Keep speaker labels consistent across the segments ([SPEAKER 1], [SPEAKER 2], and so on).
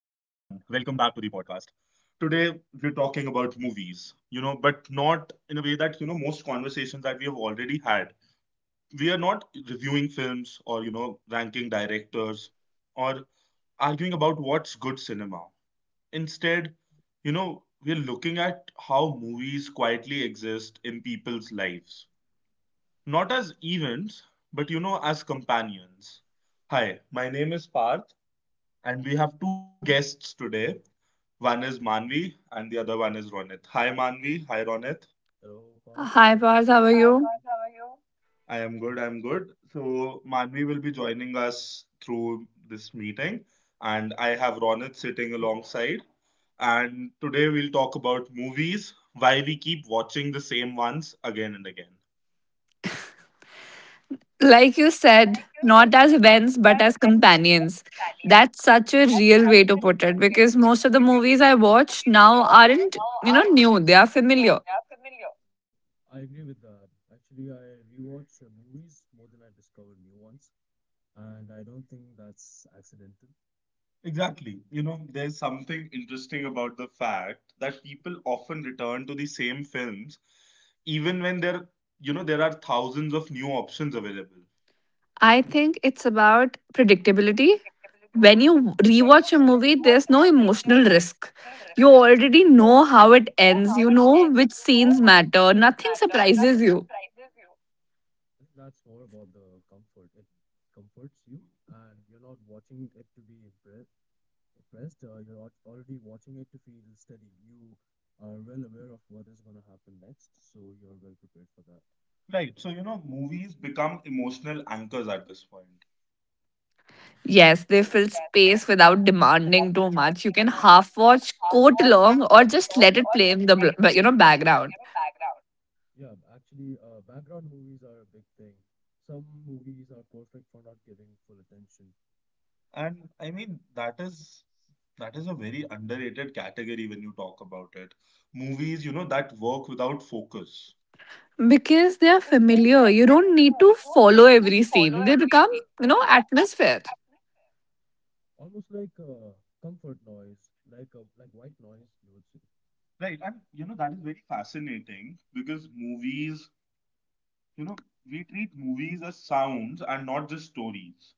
[SPEAKER 1] we're talking about movies but not in a way that most conversations that we have already had. We are not reviewing films or ranking directors or arguing about what's good cinema. Instead we're looking at how movies quietly exist in people's lives, not as events, but as companions. Hi, my name is Parth. And we have two guests today. One is Manvi and the other one is Ronit. Hi, Manvi, hi, Ronit. Hello, Parth.
[SPEAKER 2] Hi,
[SPEAKER 1] How?
[SPEAKER 2] Parth. How are you?
[SPEAKER 1] I am good, I'm good. So Manvi will be joining us through this meeting and I have Ronit sitting alongside. And today we'll talk about movies, why we keep watching the same ones again and again.
[SPEAKER 2] Like you said, not as events, but as companions. That's such a real way to put it because most of the movies I watch now aren't, you know, new, they are familiar.
[SPEAKER 1] Exactly. There's something interesting about the fact that people often return to the same films even when there are thousands of new options available.
[SPEAKER 2] I think it's about predictability. When you rewatch a movie, there's no emotional risk. You already know how it ends, you know which scenes matter, nothing surprises you.
[SPEAKER 1] Right. So movies become emotional anchors at this point.
[SPEAKER 2] Yes, they fill space without demanding too much. You can half watch, quote along, or just let it play in the background
[SPEAKER 1] And I mean, that is a very underrated category when you talk about it. Movies that work without focus.
[SPEAKER 2] because they are familiar. You don't need to follow every scene. They become atmosphere.
[SPEAKER 1] Right. And that is very fascinating because movies you know we treat movies as sounds and not just stories.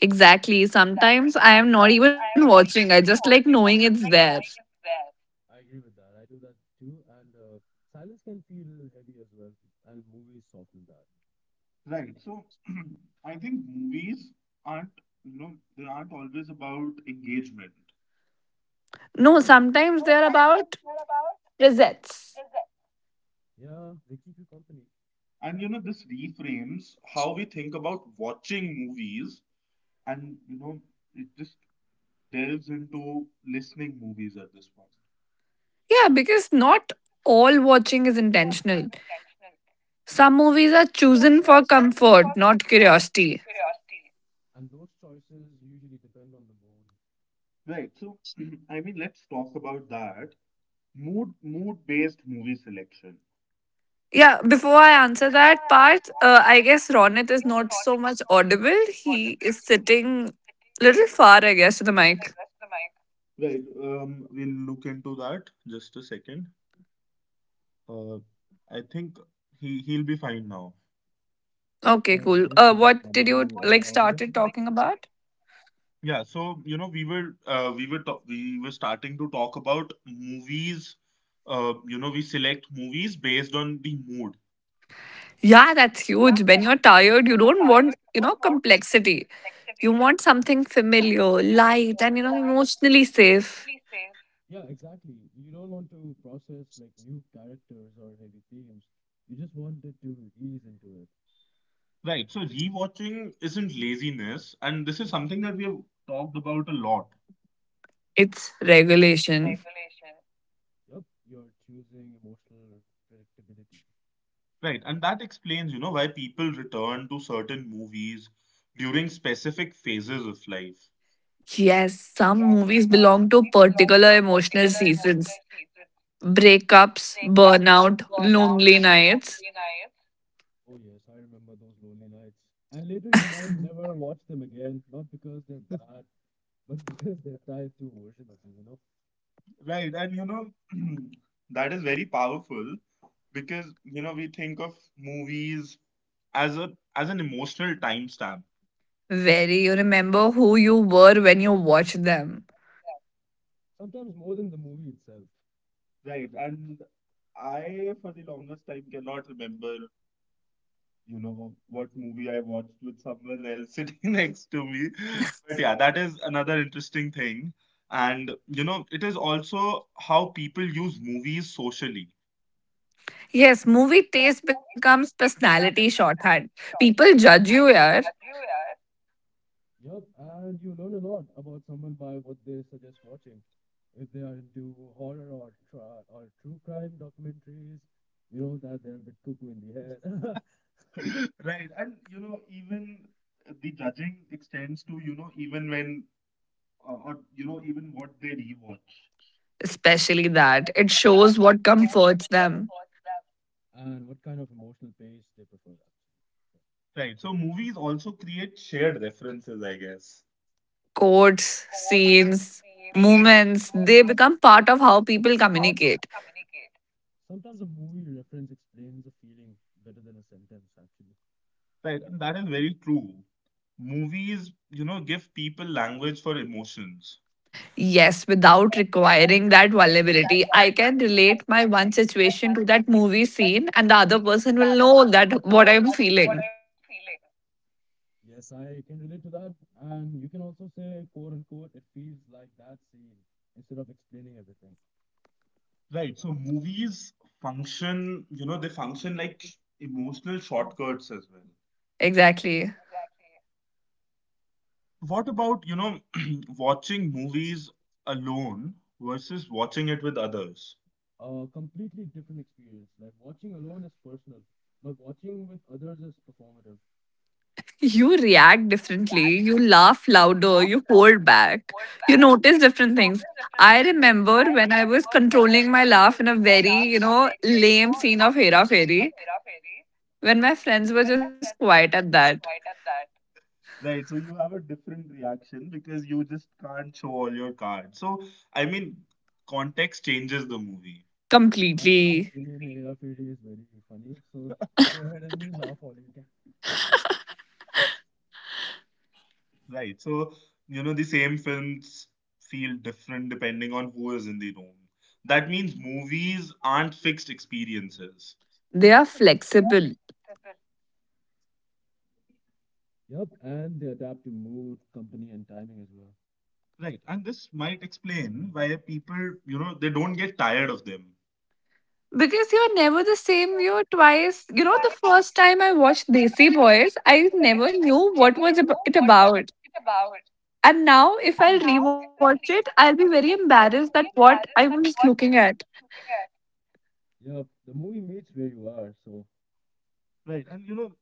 [SPEAKER 2] Exactly. Sometimes I am not even watching. I just like knowing it's there.
[SPEAKER 1] Right. So I think movies aren't you know they aren't always about engagement.
[SPEAKER 2] No, sometimes they are about presets.
[SPEAKER 1] And this reframes how we think about watching movies. And it just delves into listening movies at this point.
[SPEAKER 2] Yeah, because not all watching is intentional. Some movies are chosen for comfort, not curiosity.
[SPEAKER 1] Right. So I mean, let's talk about that mood based movie selection.
[SPEAKER 2] Yeah, before I answer that part, I guess Ronit is not so much audible. He is sitting little far, I guess, to the mic.
[SPEAKER 1] Right. We'll look into that just a second. I think he'll be fine now.
[SPEAKER 2] Okay, cool. What did you started talking about?
[SPEAKER 1] Yeah, so we were we were starting to talk about movies. We select movies based on the mood,
[SPEAKER 2] Yeah, that's huge. When you're tired, you don't want, you know, complexity. You want something familiar, light, and, you know, emotionally safe.
[SPEAKER 1] right? So rewatching isn't laziness, and this is something that we have talked about a lot,
[SPEAKER 2] It's regulation.
[SPEAKER 1] right? And that explains why people return to certain movies during specific phases of life.
[SPEAKER 2] Yes, some movies belong to particular emotional seasons: breakups, burnout, lonely nights.
[SPEAKER 1] Right. And that is very powerful because we think of movies as a as an emotional timestamp.
[SPEAKER 2] Very, you remember who you were when you watched them.
[SPEAKER 1] Right. And I, for the longest time, cannot remember what movie I watched with someone else sitting next to me. But yeah, that is another interesting thing. And it is also how people use movies socially.
[SPEAKER 2] Yes, movie taste becomes personality shorthand. People judge you, yeah.
[SPEAKER 1] Right. And even the judging extends to even when or you know even what they rewatch.
[SPEAKER 2] Especially that. It shows what comforts them.
[SPEAKER 1] Right, so movies also create shared references, I guess.
[SPEAKER 2] Quotes, scenes, moments, they become part of how people communicate.
[SPEAKER 1] Right, and that is very true. Movies give people language for emotions.
[SPEAKER 2] Yes, without requiring that vulnerability, I can relate my one situation to that movie scene, and the other person will know that what I'm feeling.
[SPEAKER 1] Right, so movies function you know they function like emotional shortcuts as well.
[SPEAKER 2] Exactly.
[SPEAKER 1] What about watching movies alone versus watching it with others?
[SPEAKER 2] You react differently. You laugh louder. You hold back. You notice different things. I remember when I was controlling my laugh in a very, you know, lame scene of Hera Fairy, when my friends were just quiet at that.
[SPEAKER 1] Right, so you have a different reaction because you just can't show all your cards. So, I mean, context changes the movie,
[SPEAKER 2] Completely.
[SPEAKER 1] right? So the same films feel different depending on who is in the room. That means movies aren't fixed experiences,
[SPEAKER 2] They are flexible.
[SPEAKER 1] right? And this might explain why they don't get tired of them,
[SPEAKER 2] Because you're never the same, you twice. You know, the first time I watched Desi Boys, I never knew what was it about. And now, if I'll rewatch it, I'll be very embarrassed that what I was looking at.
[SPEAKER 1] right? And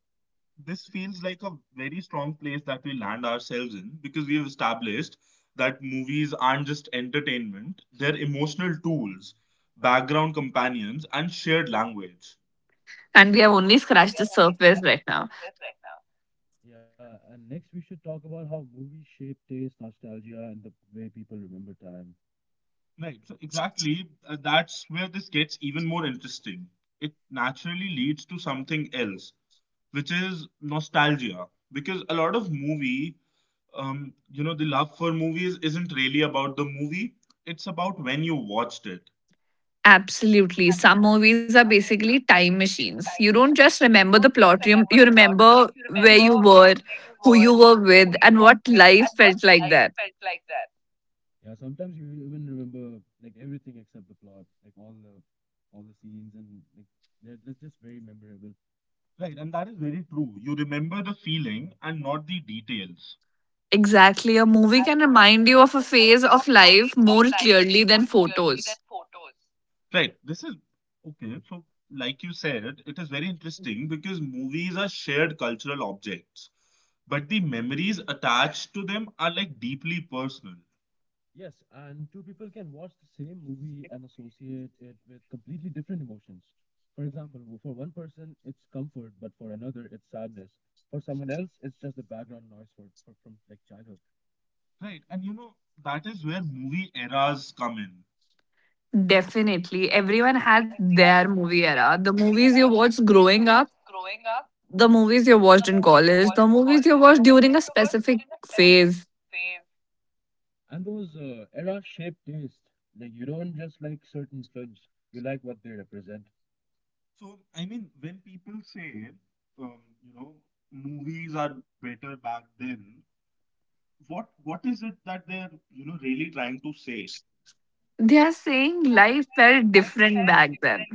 [SPEAKER 1] this feels like a very strong place that we land ourselves in because we have established that movies aren't just entertainment, they're emotional tools, background companions, and shared language.
[SPEAKER 2] And we have only scratched the surface right now.
[SPEAKER 1] Right, so exactly, that's where this gets even more interesting. It naturally leads to something else, which is nostalgia. Because a lot of movie, you know, the love for movies isn't really about the movie, it's about when you watched it.
[SPEAKER 2] Absolutely. Some movies are basically time machines. You don't just remember the plot, you remember where you were, who you were with, and what life felt like that.
[SPEAKER 1] Right, and that is very true. You remember the feeling and not the details.
[SPEAKER 2] Exactly. A movie can remind you of a phase of life more clearly than photos.
[SPEAKER 1] Right, this is okay. So, like you said, it is very interesting because movies are shared cultural objects, but the memories attached to them are like deeply personal. Right, and that is where movie eras come in.
[SPEAKER 2] Definitely. Everyone has their movie era. The movies you watched growing up, the movies you watched in college, the movies you watched during a specific phase.
[SPEAKER 1] So, I mean, when people say, um, you know, movies are better back then, what is it that they're really trying to say?
[SPEAKER 2] They are saying life felt different back then.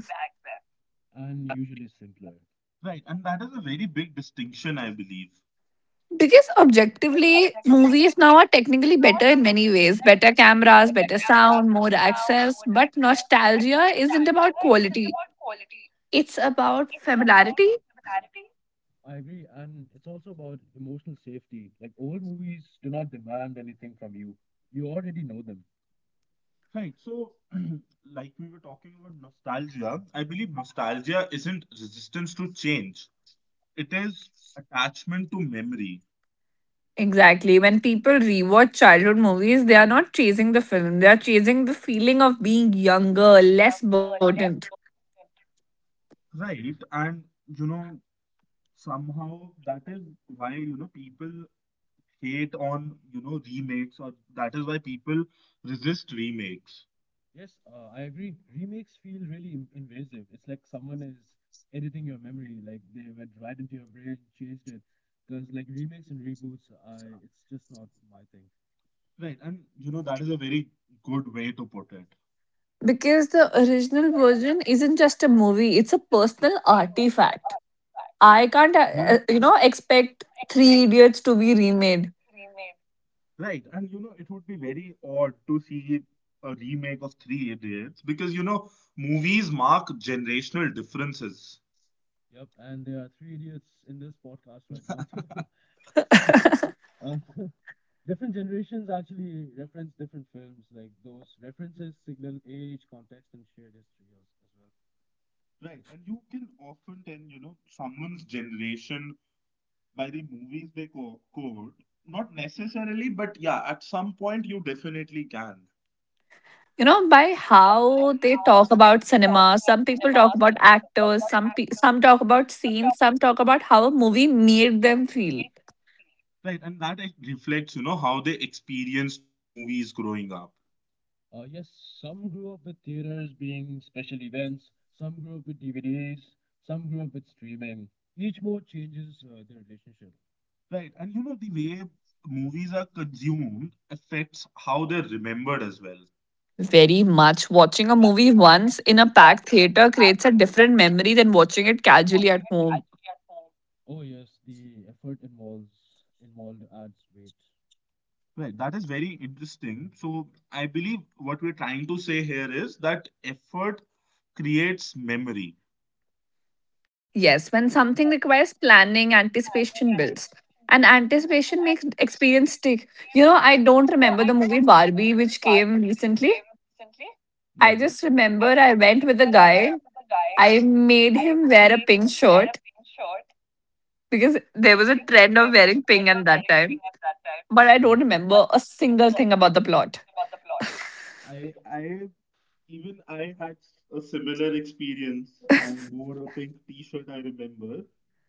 [SPEAKER 1] Right, and that is a very big distinction, I believe.
[SPEAKER 2] Because objectively, movies now are technically better in many ways: better cameras, better sound, more access. But nostalgia isn't about quality, it's about familiarity.
[SPEAKER 1] Right, so like we were talking about nostalgia, I believe nostalgia isn't resistance to change, it is attachment to memory.
[SPEAKER 2] Exactly. When people rewatch childhood movies, they are not chasing the film, they are chasing the feeling of being younger, less burdened.
[SPEAKER 1] Right, and somehow that is why people hate on remakes, or that is why people resist remakes. Right, and that is a very good way to put it.
[SPEAKER 2] Because the original version isn't just a movie, it's a personal artifact. I can't, you know, expect Three Idiots to be remade.
[SPEAKER 1] Right, and it would be very odd to see a remake of Three Idiots because movies mark generational differences. Right, and you can often tell someone's generation by the movies they quote. Not necessarily, but yeah, at some point you definitely can.
[SPEAKER 2] You know, by how they talk about cinema. Some people talk about actors. Some talk about scenes. Some talk about how a movie made them feel.
[SPEAKER 1] Right, and that reflects how they experienced movies growing up. Right, and the way movies are consumed affects how they're remembered as well.
[SPEAKER 2] Very much watching a movie once in a packed theater creates a different memory than watching it casually at home.
[SPEAKER 1] Right, that is very interesting. So, I believe what we're trying to say here is that effort creates memory.
[SPEAKER 2] Yes, when something requires planning, anticipation builds. And anticipation makes experience stick. You know, I don't remember the movie Barbie, which came recently. I
[SPEAKER 1] Right.
[SPEAKER 2] just remember I went with a guy. I made him wear a pink shirt because there was a trend of wearing pink at that time. But I don't remember a single thing about the plot.
[SPEAKER 1] I even I had a similar experience. I wore a pink T-shirt. I remember,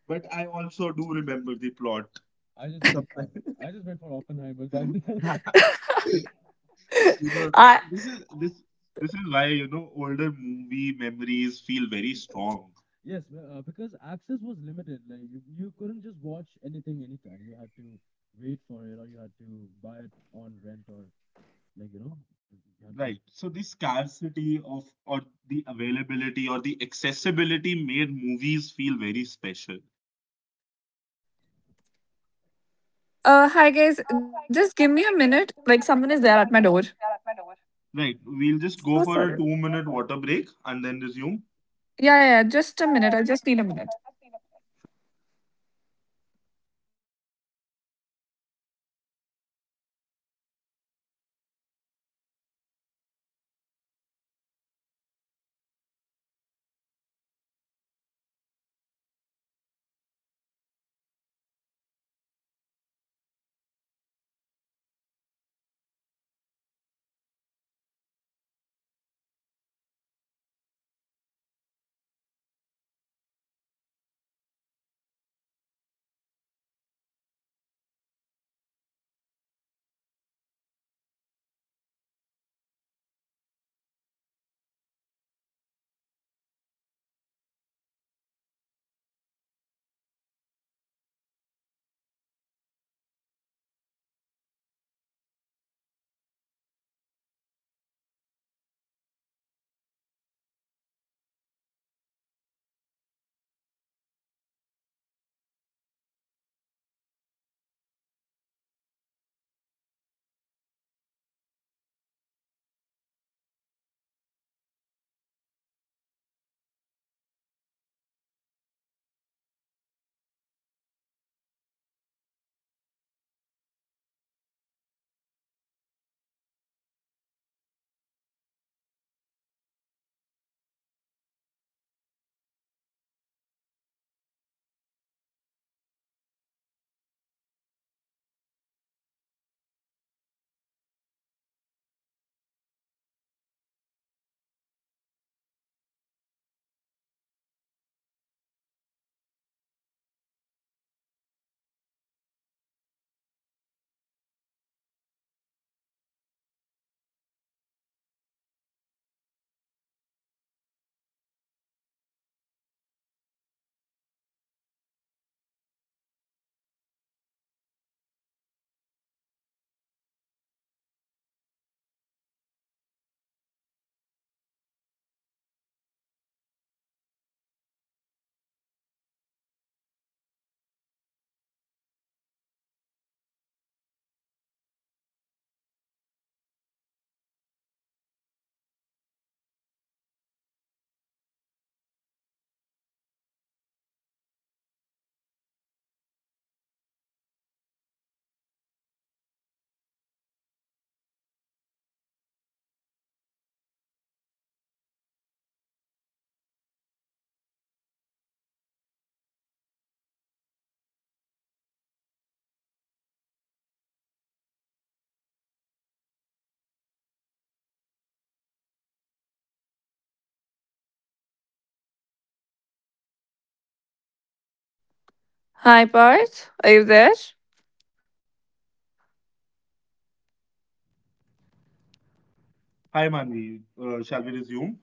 [SPEAKER 1] but I also do remember the plot. Sometimes, you know,
[SPEAKER 2] I,
[SPEAKER 1] this is this is why older movie memories feel very strong. Right. So the scarcity of or the availability or the accessibility made movies feel very special.
[SPEAKER 2] hi guys, just give me a minute. Like someone is there at my door.
[SPEAKER 1] Right. We'll just
[SPEAKER 2] So
[SPEAKER 1] go for a
[SPEAKER 2] sorry.
[SPEAKER 1] 2-minute water break and then resume.
[SPEAKER 2] Yeah, yeah, just a minute. I just need a minute. Hi, Parth. Are you there?
[SPEAKER 1] Hi, Manvi, shall we resume?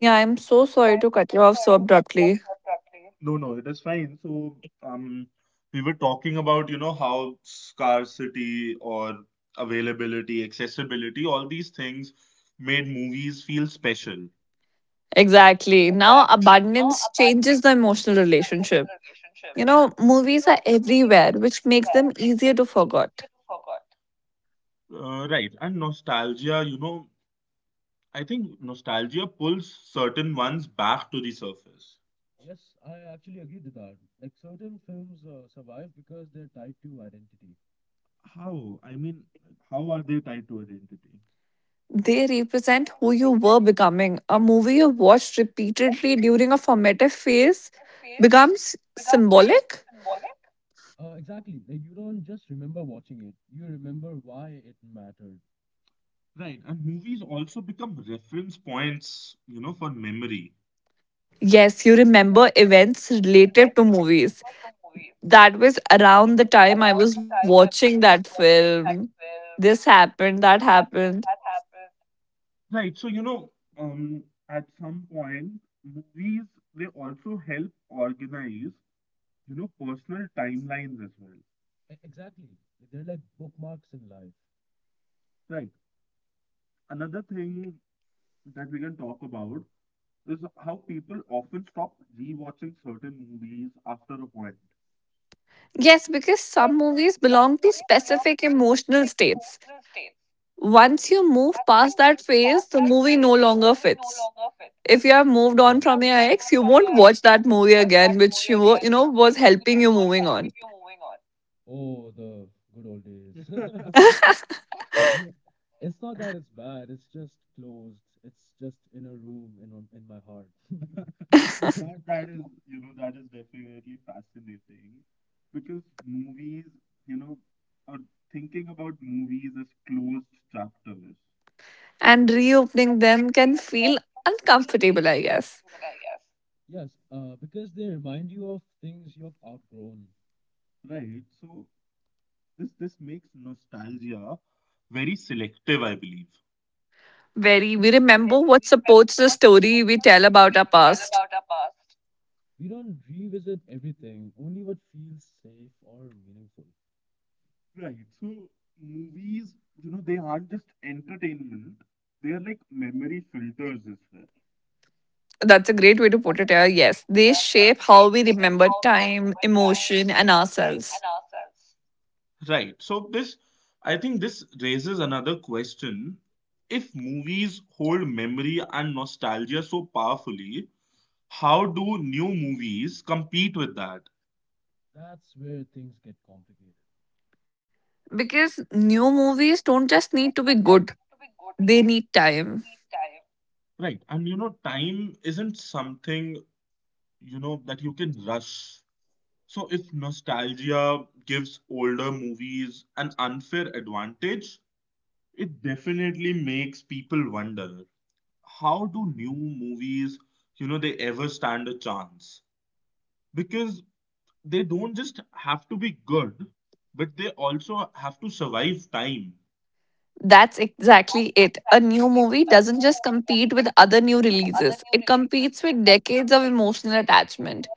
[SPEAKER 2] Yeah, I'm so sorry to cut you off so abruptly.
[SPEAKER 1] No, no, it is fine. So um, we were talking about how scarcity or availability, accessibility, all these things made movies feel special.
[SPEAKER 2] Exactly. Now, abundance changes the emotional relationship. You know, movies are everywhere, which makes them easier to forget.
[SPEAKER 1] Right. And nostalgia, I think nostalgia pulls certain ones back to the surface. How? I mean, how are they tied to identity?
[SPEAKER 2] They represent who you were becoming. A movie you watched repeatedly during a formative phase becomes symbolic.
[SPEAKER 1] Right, and movies also become reference points for memory.
[SPEAKER 2] Yes, you remember events related to movies. That was around the time I was watching that film. This happened, that happened.
[SPEAKER 1] Right, so um, at some point, movies they also help organize personal timelines as well. Right, another thing that we can talk about is how people often stop rewatching certain movies after a point.
[SPEAKER 2] Yes, because some movies belong to specific emotional states. Once you move past that phase, the movie no longer fits. If you have moved on from your ex, you won't watch that movie again, which you know was helping you moving on.
[SPEAKER 1] That, that is, that is definitely fascinating because movies, you know, are thinking about movies as closed chapters,
[SPEAKER 2] And reopening them can feel uncomfortable, I guess.
[SPEAKER 1] right? So this makes nostalgia very selective, I believe.
[SPEAKER 2] Very. We remember what supports the story we tell about our past.
[SPEAKER 1] Right. So movies, they aren't just entertainment; they are like memory filters as well.
[SPEAKER 2] That's a great way to put it. Yeah. Yes, they shape how we remember time, emotion, and ourselves.
[SPEAKER 1] Right. So I think this raises another question. If movies hold memory and nostalgia so powerfully, how do new movies compete with that?
[SPEAKER 2] Because new movies don't just need to be good; they need time.
[SPEAKER 1] Right. And time isn't something that you can rush. So if nostalgia gives older movies an unfair advantage, it definitely makes people wonder, how do new movies, you know, they ever stand a chance? Because they don't just have to be good, but they also have to survive time.
[SPEAKER 2] That's exactly it. A new movie doesn't just compete with other new releases, it competes with decades of emotional attachment.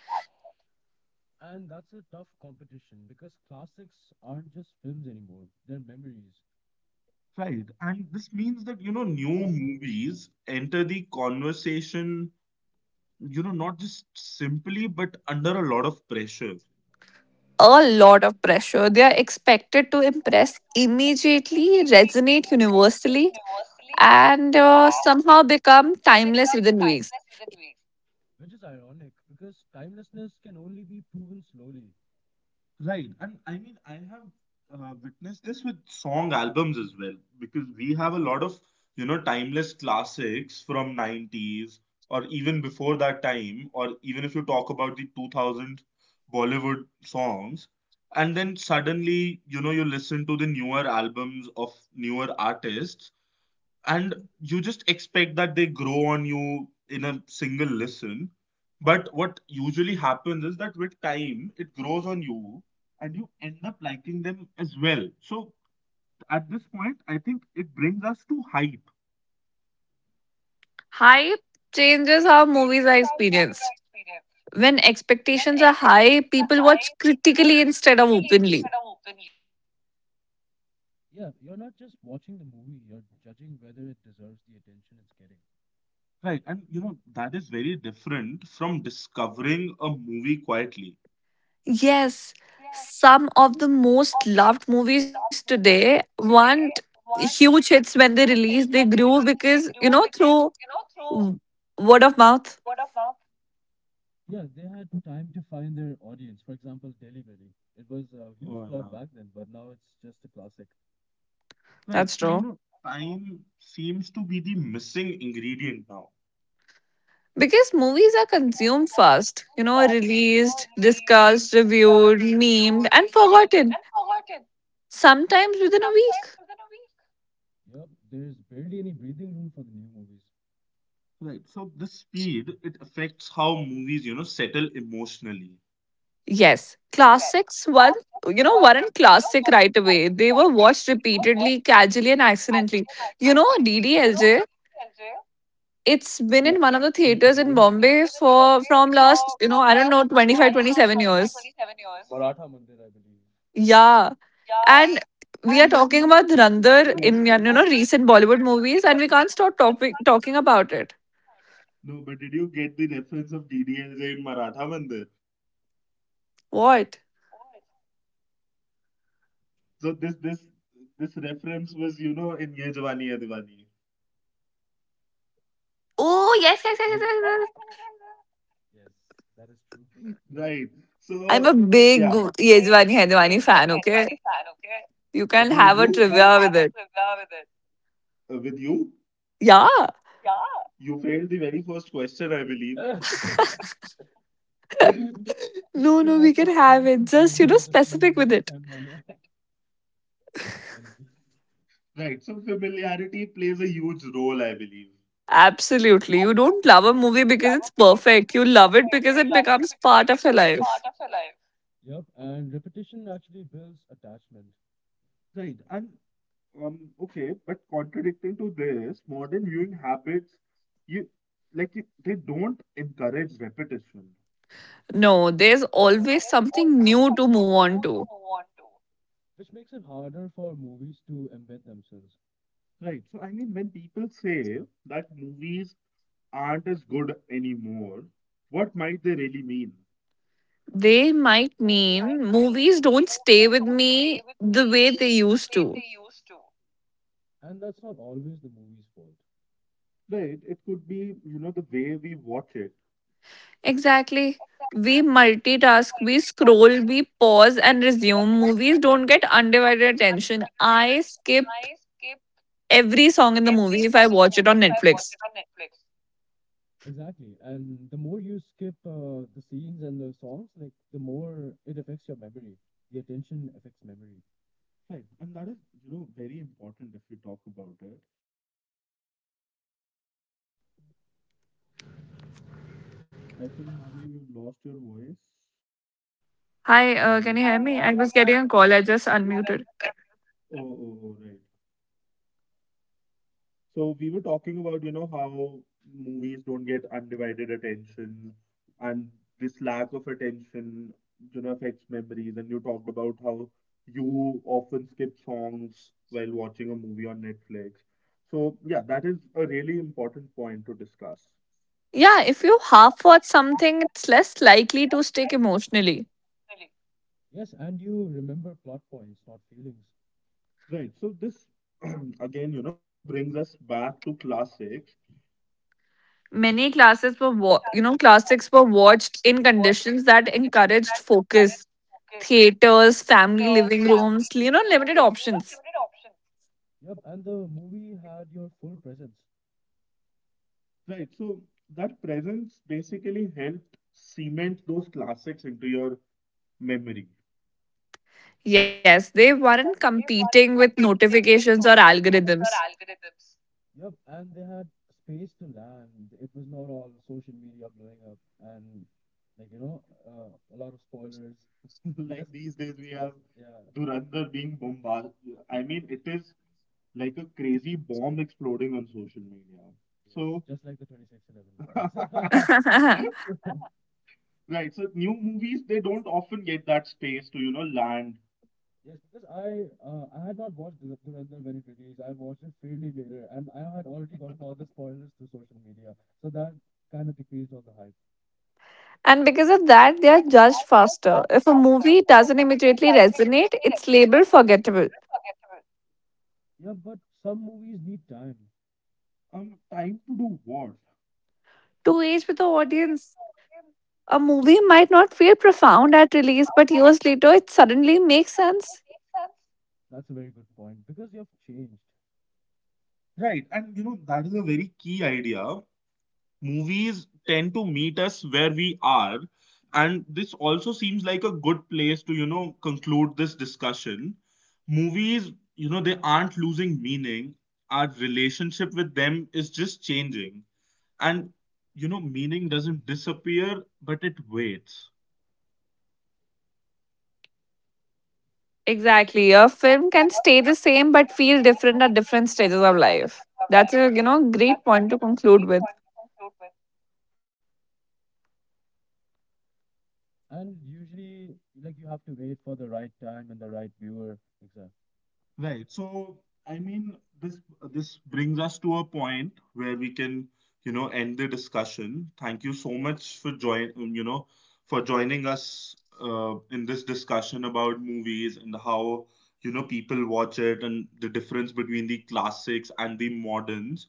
[SPEAKER 1] Right. And this means that new movies enter the conversation not just simply, but under a lot of pressure.
[SPEAKER 2] A lot of pressure. They are expected to impress immediately, resonate universally, and somehow become timeless within weeks.
[SPEAKER 1] Right. And I mean, I have witnessed this with song albums as well, because we have a lot of timeless classics from 90s or even before that time, or even if you talk about the 2000 Bollywood songs. And then suddenly you listen to the newer albums of newer artists, and you just expect that they grow on you in a single listen. But what usually happens is that with time it grows on you and you end up liking them as well. So at this point, I think it brings us to hype.
[SPEAKER 2] Hype changes how movies are experienced. When expectations are high, people watch critically instead of openly.
[SPEAKER 1] Right, and that is very different from discovering a movie quietly.
[SPEAKER 2] Yes, some of the most loved movies today weren't huge hits when they released. They grew because, you know, through w- word of mouth.
[SPEAKER 1] Oh, yeah. Right.
[SPEAKER 2] That's
[SPEAKER 1] So
[SPEAKER 2] true.
[SPEAKER 1] time seems to be the missing ingredient now.
[SPEAKER 2] Because movies are consumed fast, you know, released, discussed, reviewed, memed, and forgotten, sometimes within a week.
[SPEAKER 1] Right. So, the speed, it affects how movies settle emotionally.
[SPEAKER 2] Yes, you know, weren't classic right away. They were watched repeatedly, casually, and accidentally. You know, DDLJ,
[SPEAKER 1] Yeah.
[SPEAKER 2] it's been in one of the theaters in Bombay for from last, you know, I don't know, 25, 27 years. Yeah. And
[SPEAKER 1] Did
[SPEAKER 2] we are talking
[SPEAKER 1] you
[SPEAKER 2] about
[SPEAKER 1] get the
[SPEAKER 2] Dhurandhar
[SPEAKER 1] reference?
[SPEAKER 2] in you know recent Bollywood movies, and we can't talking about it.
[SPEAKER 1] No, but did you get the reference of DDLJ in Maratha Mandir?
[SPEAKER 2] What?
[SPEAKER 1] So, this reference was in Ye Jawani Hai Diwani.
[SPEAKER 2] Oh,
[SPEAKER 1] Right.
[SPEAKER 2] I'm a
[SPEAKER 1] So,
[SPEAKER 2] big
[SPEAKER 1] yeah.
[SPEAKER 2] Yejwani Haidwani fan, okay? You can
[SPEAKER 1] Who
[SPEAKER 2] have a
[SPEAKER 1] you?
[SPEAKER 2] trivia with it.
[SPEAKER 1] With you?
[SPEAKER 2] Yeah.
[SPEAKER 1] You failed the very first question, I believe.
[SPEAKER 2] No, no, we can have it. Just, you know, specific with it.
[SPEAKER 1] Right. So, familiarity plays a huge role, I believe.
[SPEAKER 2] Absolutely. You don't love a movie because it's perfect. You love it because it becomes part of your life.
[SPEAKER 1] Right. And okay, but contradicting to this, modern viewing habits, you they don't encourage repetition.
[SPEAKER 2] No, there's always something new to move on to.
[SPEAKER 1] Right. So I mean, when people say that movies aren't as good anymore, what might they really mean?
[SPEAKER 2] They might mean movies don't stay with me the way they used to.
[SPEAKER 1] Right. It could be the way we watch it.
[SPEAKER 2] Exactly. We multitask, we scroll, we pause and resume. Movies don't get undivided attention. I skip every song in the movie if I watch it on Netflix.
[SPEAKER 1] Right. And that is very important if we talk about it. I think, Manvi, we've lost your voice.
[SPEAKER 2] Hi,
[SPEAKER 1] Uh,
[SPEAKER 2] can you hear me? I was getting a call. I just unmuted.
[SPEAKER 1] oh, oh, oh, right. So we were talking about how movies don't get undivided attention, and this lack of attention affects memories. And you talked about how you often skip songs while watching a movie on Netflix. So yeah, that is a really important point to discuss.
[SPEAKER 2] Yeah, if you half watch something, it's less likely to stick emotionally.
[SPEAKER 1] Right. So this again brings us back to classics.
[SPEAKER 2] Many classes were, wa- you know, classics were watched in conditions that encouraged focus: theaters, family living rooms, you know, limited options.
[SPEAKER 1] Right. So that presence basically helped cement those classics into your memory.
[SPEAKER 2] Yes, they weren't competing with notifications or algorithms.
[SPEAKER 1] Like these days we have Dhurandhar being bombarded. I mean, it is like a crazy bomb exploding on social media. Yes. So, right. So new movies they don't often get that space to land.
[SPEAKER 2] And because of that, they are judged faster. If a movie doesn't immediately resonate, it's labeled forgettable.
[SPEAKER 1] Time to do what?
[SPEAKER 2] To age with the audience. A movie might not feel profound at release, but years later it suddenly makes sense.
[SPEAKER 1] Right, and that is a very key idea. Movies tend to meet us where we are, and this also seems like a good place to conclude this discussion. Movies you know they aren't losing meaning. Our relationship with them is just changing. And meaning doesn't disappear, but it waits.
[SPEAKER 2] Exactly. A film can stay the same but feel different at different stages of life. That's a you know great point to conclude with.
[SPEAKER 1] Right. So, I mean, this brings us to a point where we can end the discussion. Thank you so much for joining us in this discussion about movies and how people watch it and the difference between the classics and the moderns.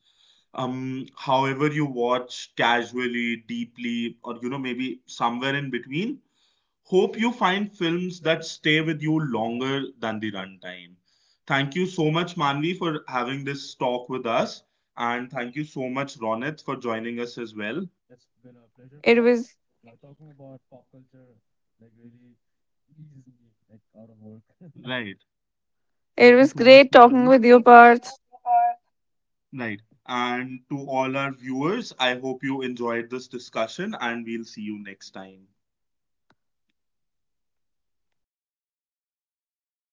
[SPEAKER 1] However you watch casually, deeply, or maybe somewhere in between, hope you find films that stay with you longer than the runtime. Thank you so much, Manvi, for having this talk with us. And thank you so much, Ronit, for joining us as well.
[SPEAKER 2] It was
[SPEAKER 1] Right.
[SPEAKER 2] it
[SPEAKER 1] Thank you
[SPEAKER 2] was
[SPEAKER 1] so much,
[SPEAKER 2] great talking
[SPEAKER 1] Manvi.
[SPEAKER 2] with you, Parth.
[SPEAKER 1] Right. And to all our viewers, I hope you enjoyed this discussion and we'll see you next time.